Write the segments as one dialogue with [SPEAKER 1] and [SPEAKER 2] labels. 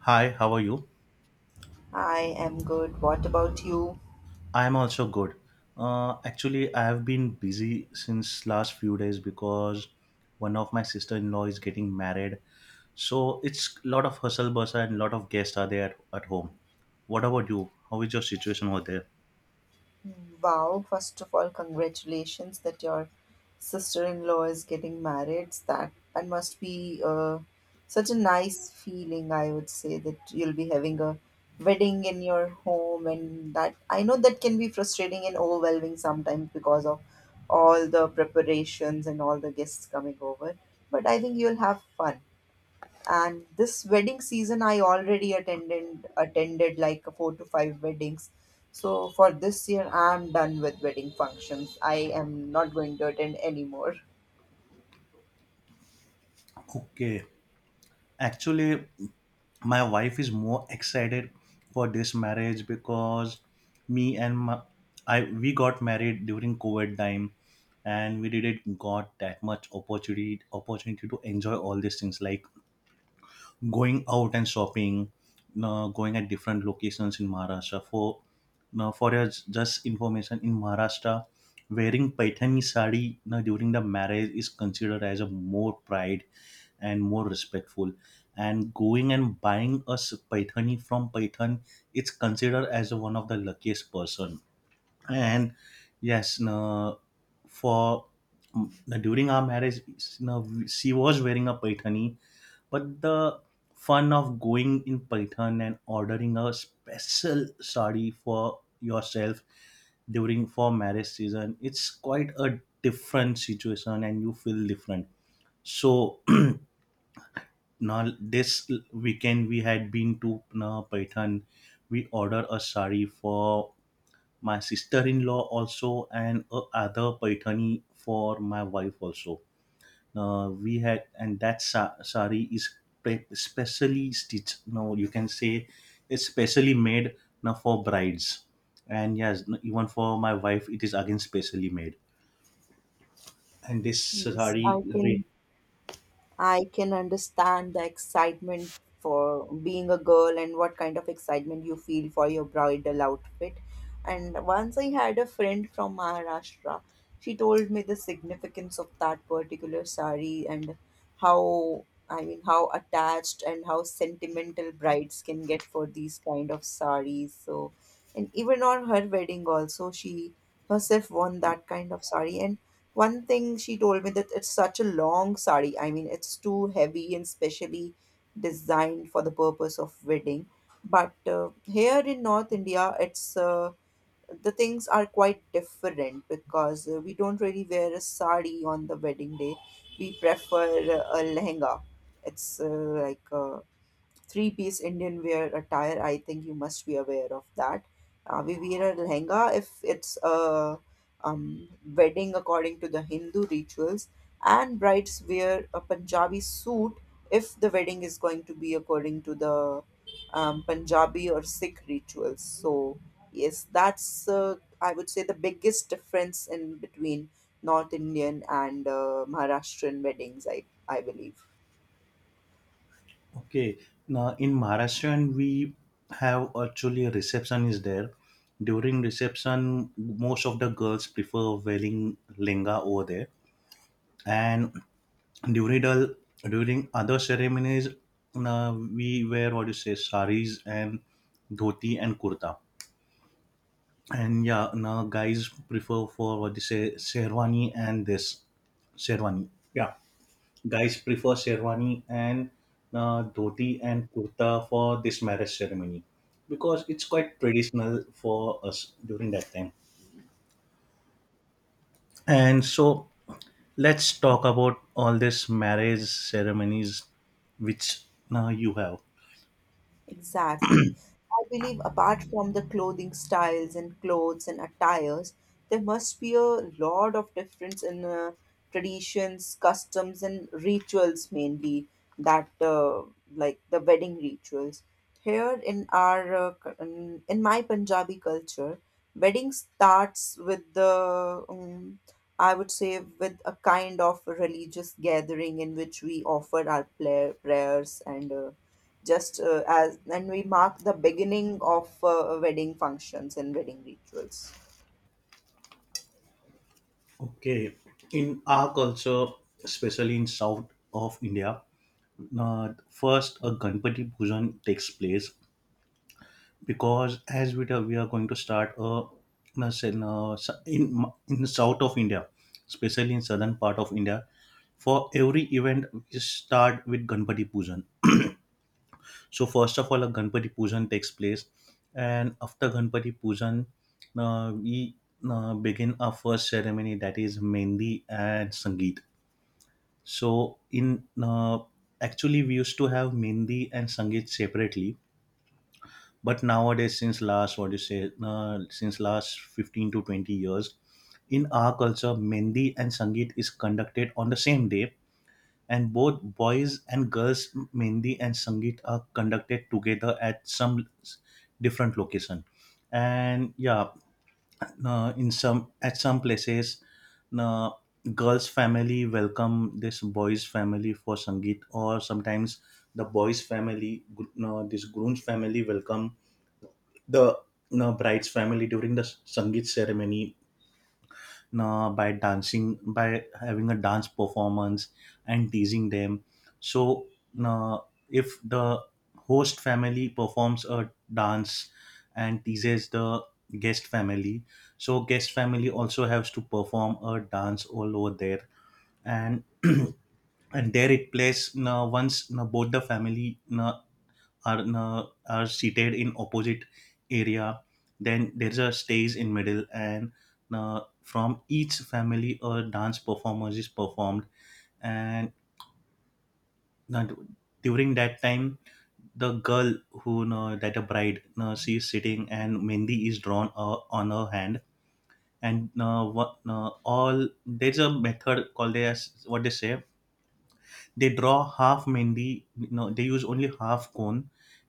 [SPEAKER 1] Hi, how are you?
[SPEAKER 2] I am good. What about you?
[SPEAKER 1] I am also good. Actually, I have been busy since last few days because one of my sister-in-law is getting married. So it's a lot of hustle bustle and a lot of guests are there at home. What about you? How is your situation over there?
[SPEAKER 2] Wow, first of all, congratulations that your sister-in-law is getting married. That must be such a nice feeling, I would say, that you'll be having a wedding in your home, and that I know that can be frustrating and overwhelming sometimes because of all the preparations and all the guests coming over. But I think you'll have fun. And this wedding season I already attended like four to five weddings. So for this year I'm done with wedding functions. I am not going to attend anymore.
[SPEAKER 1] Okay. Actually, my wife is more excited for this marriage because me and my, I We got married during COVID time, and we didn't got that much opportunity to enjoy all these things like going out and shopping, going at different locations in Maharashtra. For now, for your just information, in Maharashtra, wearing paithani sari now during the marriage is considered as a more pride and more respectful. And going and buying a paithani from Python, it's considered as one of the luckiest person and yes no, for no, during our marriage no, she was wearing a paithani, but the fun of going in python and ordering a special sari for yourself during for marriage season, it's quite a different situation and you feel different. So now this weekend we had been to python. We ordered a sari for my sister-in-law also, and other paithani for my wife also. We had, and that sari is specially stitched. Now you can say it's specially made now for brides, and yes even for my wife, it is again specially made, and this
[SPEAKER 2] Yes,
[SPEAKER 1] sari re-
[SPEAKER 2] I can understand the excitement for being a girl and what kind of excitement you feel for your bridal outfit. And once I had a friend from Maharashtra, she told me the significance of that particular sari, and how I mean how attached and how sentimental brides can get for these kind of saris. So and even on her wedding also she herself won that kind of sari and. One thing she told me, that it's such a long sari. I mean, it's too heavy and specially designed for the purpose of wedding. But here in North India, it's the things are quite different, because we don't really wear a sari on the wedding day. We prefer a lehenga. It's like three-piece Indian wear attire. I think you must be aware of that. We wear a lehenga if it's a um, wedding according to the Hindu rituals, and brides wear a Punjabi suit if the wedding is going to be according to the Punjabi or Sikh rituals. So, yes, that's I would say the biggest difference in between North Indian and Maharashtrian weddings, I believe.
[SPEAKER 1] Okay, now in maharashtrian we have actually a reception is there. During reception, most of the girls prefer wearing lenga over there, and during the, during other ceremonies, we wear what you say saris and dhoti and kurta, and yeah, now guys prefer for what you say sherwani, and this sherwani yeah guys prefer sherwani and dhoti and kurta for this marriage ceremony because it's quite traditional for us during that time. And so let's talk about all these marriage ceremonies which now you have.
[SPEAKER 2] Exactly. I believe, apart from the clothing styles and clothes and attires, there must be a lot of difference in traditions, customs, and rituals, mainly that like the wedding rituals. Here in our c- in my Punjabi culture, wedding starts with the I would say with a kind of religious gathering in which we offer our prayers, and just as and we mark the beginning of wedding functions and wedding rituals.
[SPEAKER 1] Okay, in our culture, especially in south of India, first a Ganpati Pujan takes place because we are going to start a na- se- na- in in the south of India, especially in southern part of India, for every event we start with Ganpati Pujan. So first of all, a Ganpati Pujan takes place, and after Ganpati Pujan, we begin our first ceremony, that is Mendi and Sangeet. So in actually we used to have Mendi and Sangeet separately, but nowadays since last what do you say since last 15 to 20 years, in our culture, Mendi and Sangeet is conducted on the same day, and both boys and girls mehndi and sangeet are conducted together at different location. And yeah, in some at some places, uh, girls family welcome this boys family for sangeet, or sometimes the this groom's family welcome the bride's family during the sangeet ceremony by dancing, by having a dance performance and teasing them. So uh, if the host family performs a dance and teases the guest family, so guest family also has to perform a dance all over there. And and there it plays once, both the family are seated in opposite area. Then there's a stage in middle, and from each family a dance performance is performed. And na- during that time, the girl who that a bride na, she is sitting and mendi is drawn on her hand. And what, all there's a method called as what they say, they draw half mendi no, they use only half cone,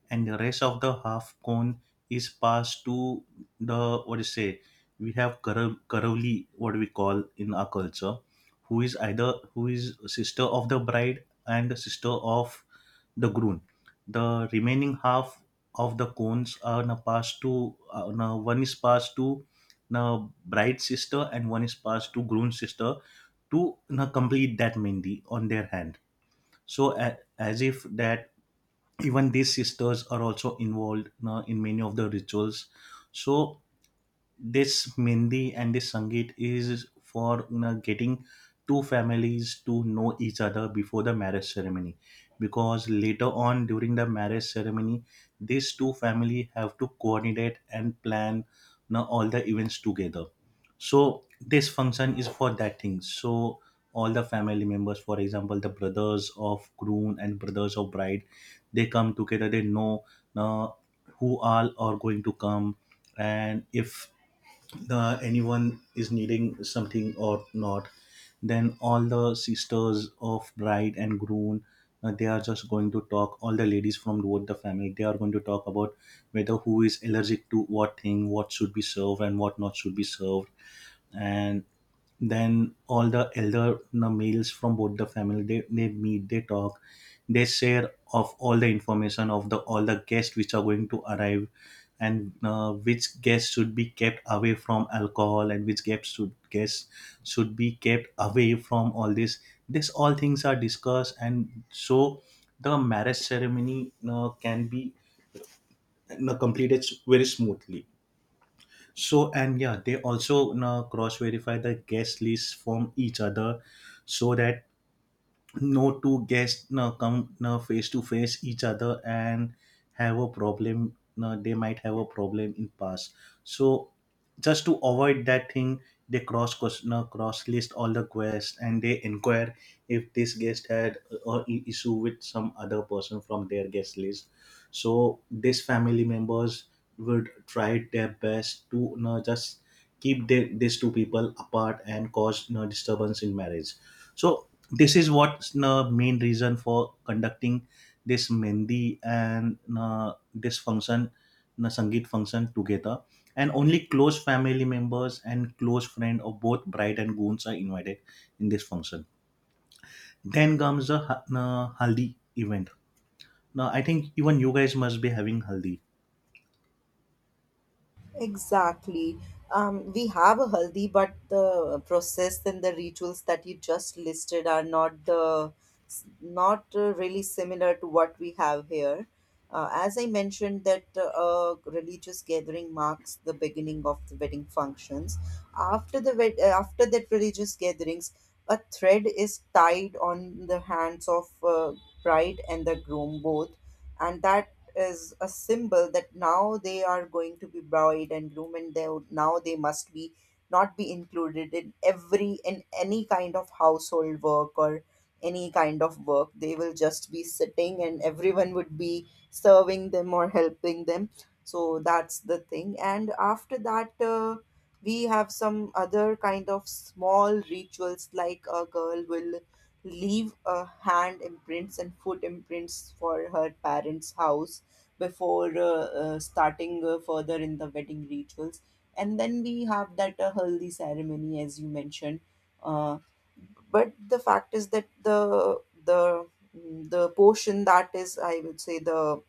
[SPEAKER 1] and the rest of the half cone is passed to the what do you say, we have karavli, what we call in our culture, who is either who is sister of the bride and the sister of the groom. The remaining half of the cones are now passed to now one is passed to now bride's sister, and one is passed to groom's sister to now complete that mendi on their hand. So a as if that even these sisters are also involved in many of the rituals. So this mendi and this sangeet is for, you know, getting two families to know each other before the marriage ceremony, because later on during the marriage ceremony these two family have to coordinate and plan, you know, all the events together. So this function is for that thing. So all the family members, for example the brothers of groom and brothers of bride, they come together, they know uh, who all are going to come, and if the anyone is needing something or not. Then all the sisters of bride and groom, they are just going to talk, all the ladies from both the family, they are going to talk about whether who is allergic to what thing, what should be served and what not should be served. And then all the elder, you know, males from both the family, they meet, they talk, they share of all the information of the all the guests which are going to arrive, and which guests should be kept away from alcohol, and which guests should be kept away from all this. This all things are discussed, and so the marriage ceremony can be, you know, completed very smoothly. So and yeah, they also, you know, cross verify the guest lists from each other, so that no two guests no, come no, face to face each other and have a problem no, they might have a problem in past. So just to avoid that thing, they cross no, cross list all the quests and they inquire if this guest had or issue with some other person from their guest list. So these family members would try their best to no, just keep the, these two people apart and cause no disturbance in marriage. So this is what's the main reason for conducting this mendi and this function, the sangeet function together. And only close family members and close friend of both bride and grooms are invited in this function. Then comes the haldi event. Now I think even you guys must be having haldi.
[SPEAKER 2] Exactly. We have a haldi, but the process and the rituals that you just listed are not really similar to what we have here. As I mentioned, that a religious gathering marks the beginning of the wedding functions. After that religious gatherings, a thread is tied on the hands of bride and the groom both, and that is a symbol that now they are going to be bride and groom, and they now they must be not be included in every in any kind of household work or any kind of work. They will just be sitting, and everyone would be serving them or helping them. So that's the thing. And after that, we have some other kind of small rituals, like a girl will leave a hand imprints and foot imprints for her parents house before starting further in the wedding rituals. And then we have that haldi ceremony, as you mentioned. Uh, but the fact is that the portion that is, I would say, the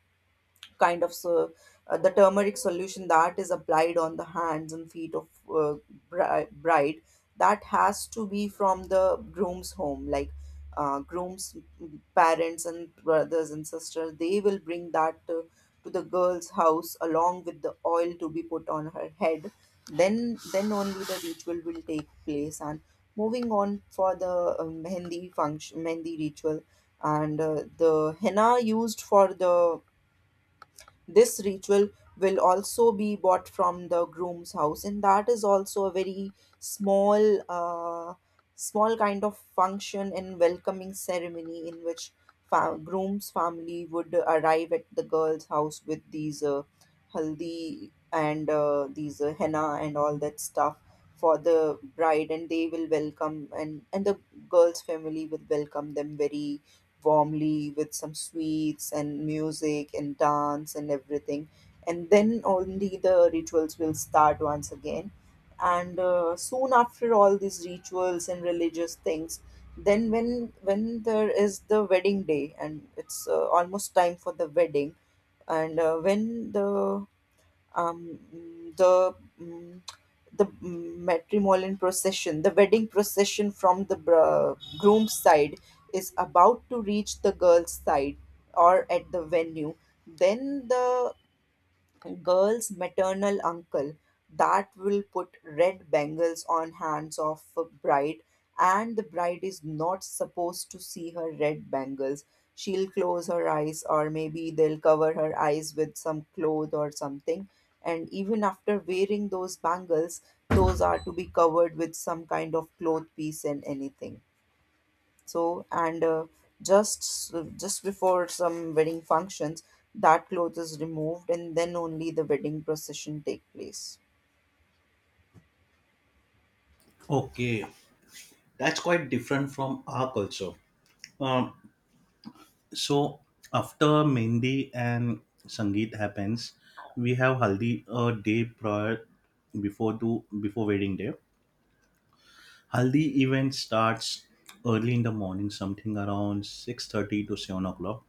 [SPEAKER 2] kind of so the turmeric solution that is applied on the hands and feet of uh, bride, that has to be from the groom's home, like groom's parents and brothers and sisters, they will bring that to the girl's house along with the oil to be put on her head. Then only the ritual will take place. And moving on for the mehndi function, mehndi ritual, and the henna used for the this ritual will also be bought from the groom's house, and that is also a very small, uh, small kind of function and welcoming ceremony in which groom's family would arrive at the girl's house with these haldi and these henna and all that stuff for the bride, and they will welcome, and the girl's family will welcome them very warmly with some sweets and music and dance and everything. And then only the rituals will start once again. And soon after all these rituals and religious things, then when there is the wedding day and it's almost time for the wedding, and when the um, mm, the mm, matrimonial procession, the wedding procession from the groom's side is about to reach the girl's side or at the venue, then the girl's maternal uncle that will put red bangles on hands of a bride. And the bride is not supposed to see her red bangles. She'll close her eyes, or maybe they'll cover her eyes with some cloth or something. And even after wearing those bangles, those are to be covered with some kind of cloth piece and anything. So and just before some wedding functions, that cloth is removed, and then only the wedding procession take place.
[SPEAKER 1] Okay, that's quite different from our culture. Um, so after mehndi and sangeet happens, we have haldi a day prior before to before wedding day. Haldi event starts early in the morning something around 6:30 to 7 o'clock.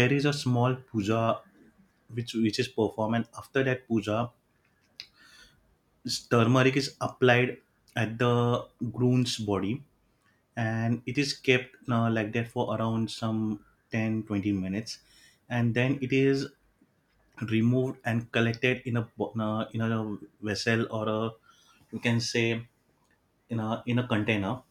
[SPEAKER 1] There is a small puja which is performed, and after that puja, turmeric is applied at the groom's body, and it is kept like that for around some 10, 20 minutes, and then it is removed and collected in a in a vessel or a, you can say, in a container.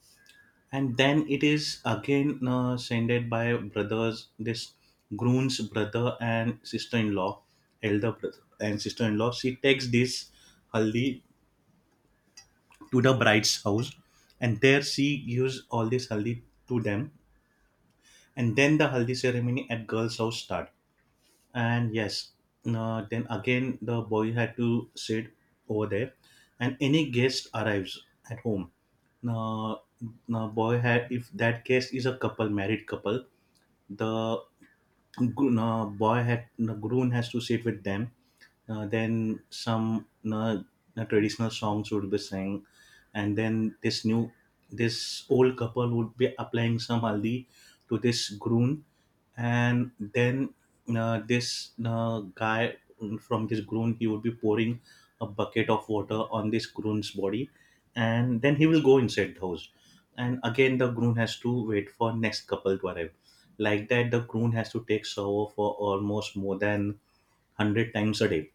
[SPEAKER 1] And then it is again sended by brothers, this groom's brother and sister-in-law, elder brother and sister-in-law. She takes this haldi to the bride's house, and there she gives all this haldi to them. And then the haldi ceremony at girl's house start. And yes, then again the boy had to sit over there, and any guest arrives at home now, now boy had if that guest is a couple, married couple, the gr- boy had the groom has to sit with them. Then some traditional songs would be sang, and then this new this old couple would be applying some haldi to this groom. And then this guy from this groom, he would be pouring a bucket of water on this groom's body, and then he will go inside the house, and again the groom has to wait for next couple to arrive. Like that, the groom has to take shower for almost more than 100 times a day.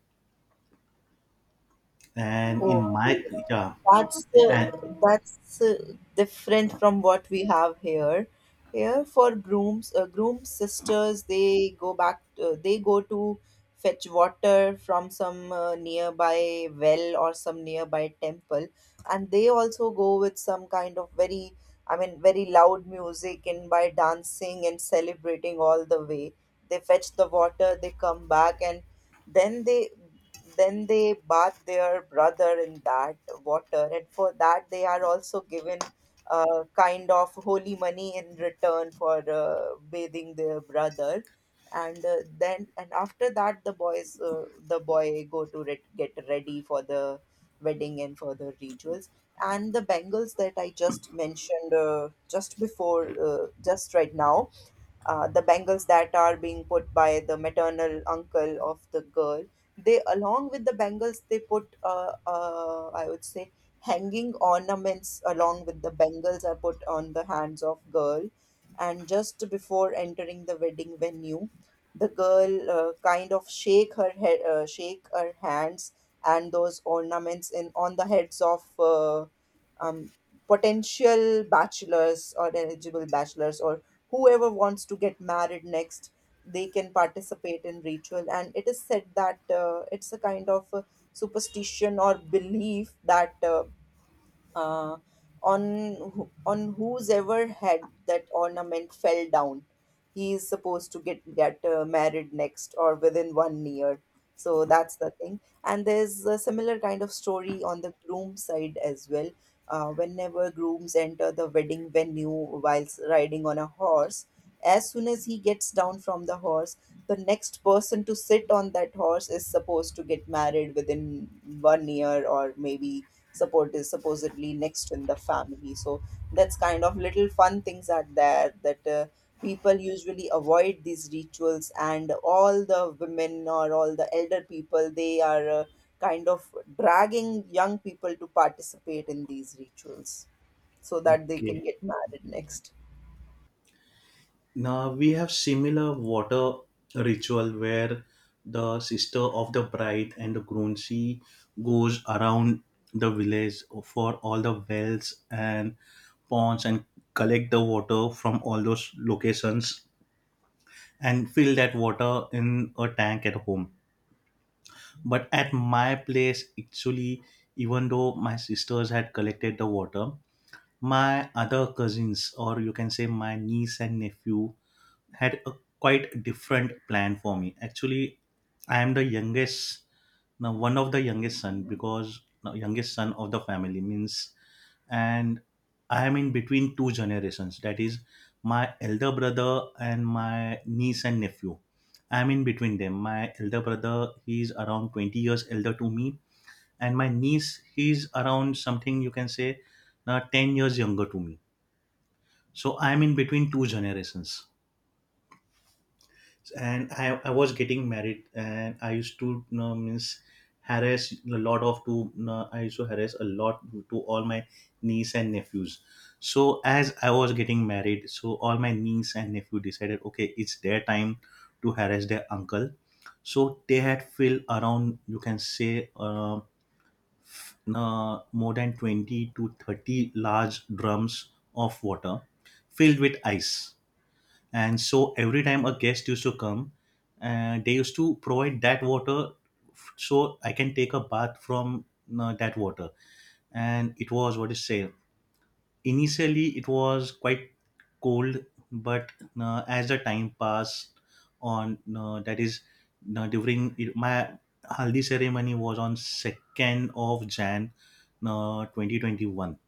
[SPEAKER 1] And in my,
[SPEAKER 2] Okay,
[SPEAKER 1] yeah,
[SPEAKER 2] that's uh,
[SPEAKER 1] and
[SPEAKER 2] that's different from what we have here. Here for grooms, groom sisters, they go back. They go to fetch water from some nearby well or some nearby temple, and they also go with some kind of very, I mean, very loud music and by dancing and celebrating all the way. They fetch the water, they come back, and then they then they bathe their brother in that water, and for that they are also given a kind of holy money in return for bathing their brother. And after that, the boy go to get ready for the wedding and for the rituals. And the bangles that I just mentioned just right now, the bangles that are being put by the maternal uncle of the girl, they along with the bangles they put I would say hanging ornaments along with the bangles are put on the hands of girl. And just before entering the wedding venue, the girl kind of shake her head shake her hands, and those ornaments in on the heads of um, potential bachelors or eligible bachelors or whoever wants to get married next, they can participate in ritual. And it is said that it's a kind of superstition or belief that uh, on on whose ever head that ornament fell down, he is supposed to get married next or within one year. So that's the thing. And there's a similar kind of story on the groom side as well. Whenever grooms enter the wedding venue whilst riding on a horse, as soon as he gets down from the horse, the next person to sit on that horse is supposed to get married within one year, or maybe support is supposedly next in the family. So that's kind of little fun things are there that people usually avoid these rituals, and all the women or all the elder people, they are kind of dragging young people to participate in these rituals so that they can
[SPEAKER 1] okay,
[SPEAKER 2] get married next.
[SPEAKER 1] now we have similar water ritual where the sister of the bride and the groom, she goes around the village for all the wells and ponds and collect the water from all those locations and fill that water in a tank at home. But at my place, actually, even though my sisters had collected the water, my other cousins, or you can say my niece and nephew, had a quite different plan for me. Actually, I am the youngest, now one of the youngest son because no, youngest son of the family means, and I am in between two generations. That is my elder brother and my niece and nephew. I am in between them. My elder brother, he is around 20 years elder to me, and my niece, he's around something you can say, 10 years younger to me. So I am in between two generations, and I was getting married, and I used to, you know, means harass a lot of to, you know, I used to harass a lot to all my niece and nephews. So as I was getting married, so all my niece and nephew decided, okay, it's their time to harass their uncle. So they had filled around, you can say, more than 20 to 30 large drums of water filled with ice. And so every time a guest used to come, they used to provide that water so I can take a bath from that water. And it was what is say, initially it was quite cold, but as the time passed on, that is during my haldi ceremony was on 2nd of jan 2021,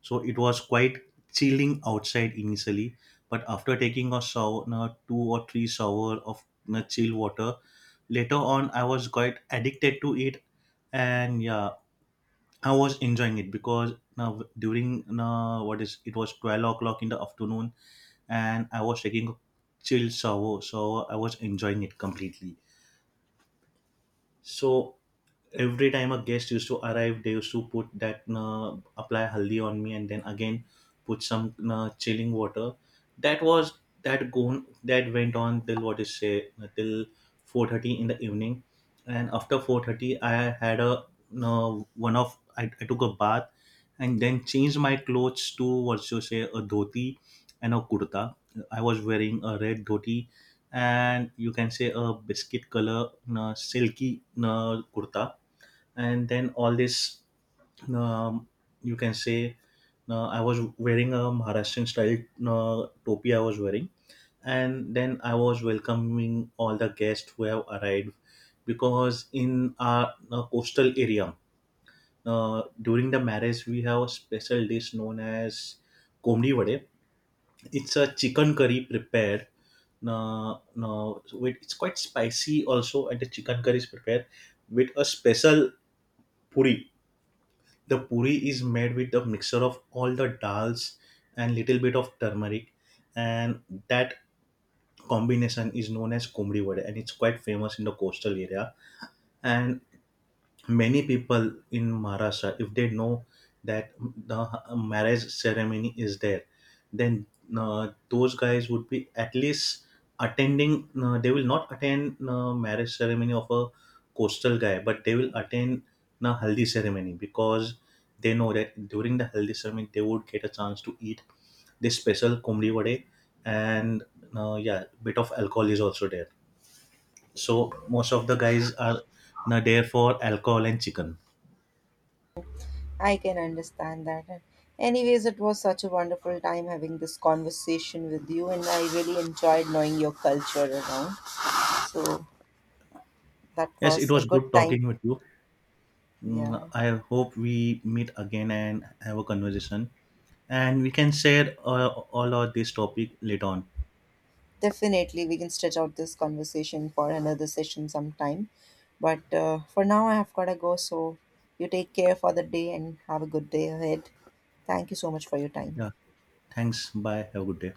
[SPEAKER 1] so it was quite chilling outside initially, but after taking a sauna, two or three shower of, you know, chill water, later on I was quite addicted to it, and yeah, I was enjoying it because now during what is, it was 12 o'clock in the afternoon, and I was taking a chill shower, so I was enjoying it completely. So every time a guest used to arrive, they used to put that apply haldi on me, and then again put some chilling water. That was that went on till what is say till 4:30 in the evening, and after 4:30, I had a uh, I took a bath, and then changed my clothes to what you say a dhoti and a kurta. I was wearing a red dhoti and, you can say, a biscuit color silky kurta. And then all this, um, you can say, I was wearing a maharashtrian style topi I was wearing, and then I was welcoming all the guests who have arrived, because in our coastal area, during the marriage we have a special dish known as komdi vade. It's a chicken curry prepared. No, no, with- it's quite spicy also, and the chicken curry is prepared with a special puri. The puri is made with a mixture of all the dals and little bit of turmeric, and that combination is known as kumri vada, and it's quite famous in the coastal area. And many people in maharashtra if they know that the marriage ceremony is there, then those guys would be at least attending, they will not attend marriage ceremony of a coastal guy, but they will attend the haldi ceremony, because they know that during the haldi ceremony they would get a chance to eat this special kumri vade. And yeah, bit of alcohol is also there, so most of the guys are there for alcohol and chicken.
[SPEAKER 2] I can understand that. And anyways, it was such a wonderful time having this conversation with you, and I really enjoyed knowing your culture around. So, that
[SPEAKER 1] Yes, it
[SPEAKER 2] was a
[SPEAKER 1] was
[SPEAKER 2] good
[SPEAKER 1] good
[SPEAKER 2] time.
[SPEAKER 1] talking with you. Mm,
[SPEAKER 2] Yeah,
[SPEAKER 1] I hope we meet again and have a conversation, and we can share all of this topic later on.
[SPEAKER 2] definitely. We can stretch out this conversation for another session sometime. But for now, I have got to go. So you take care for the day and have a good day ahead. Thank you so much for your time.
[SPEAKER 1] Yeah, thanks. Bye. Have a good day.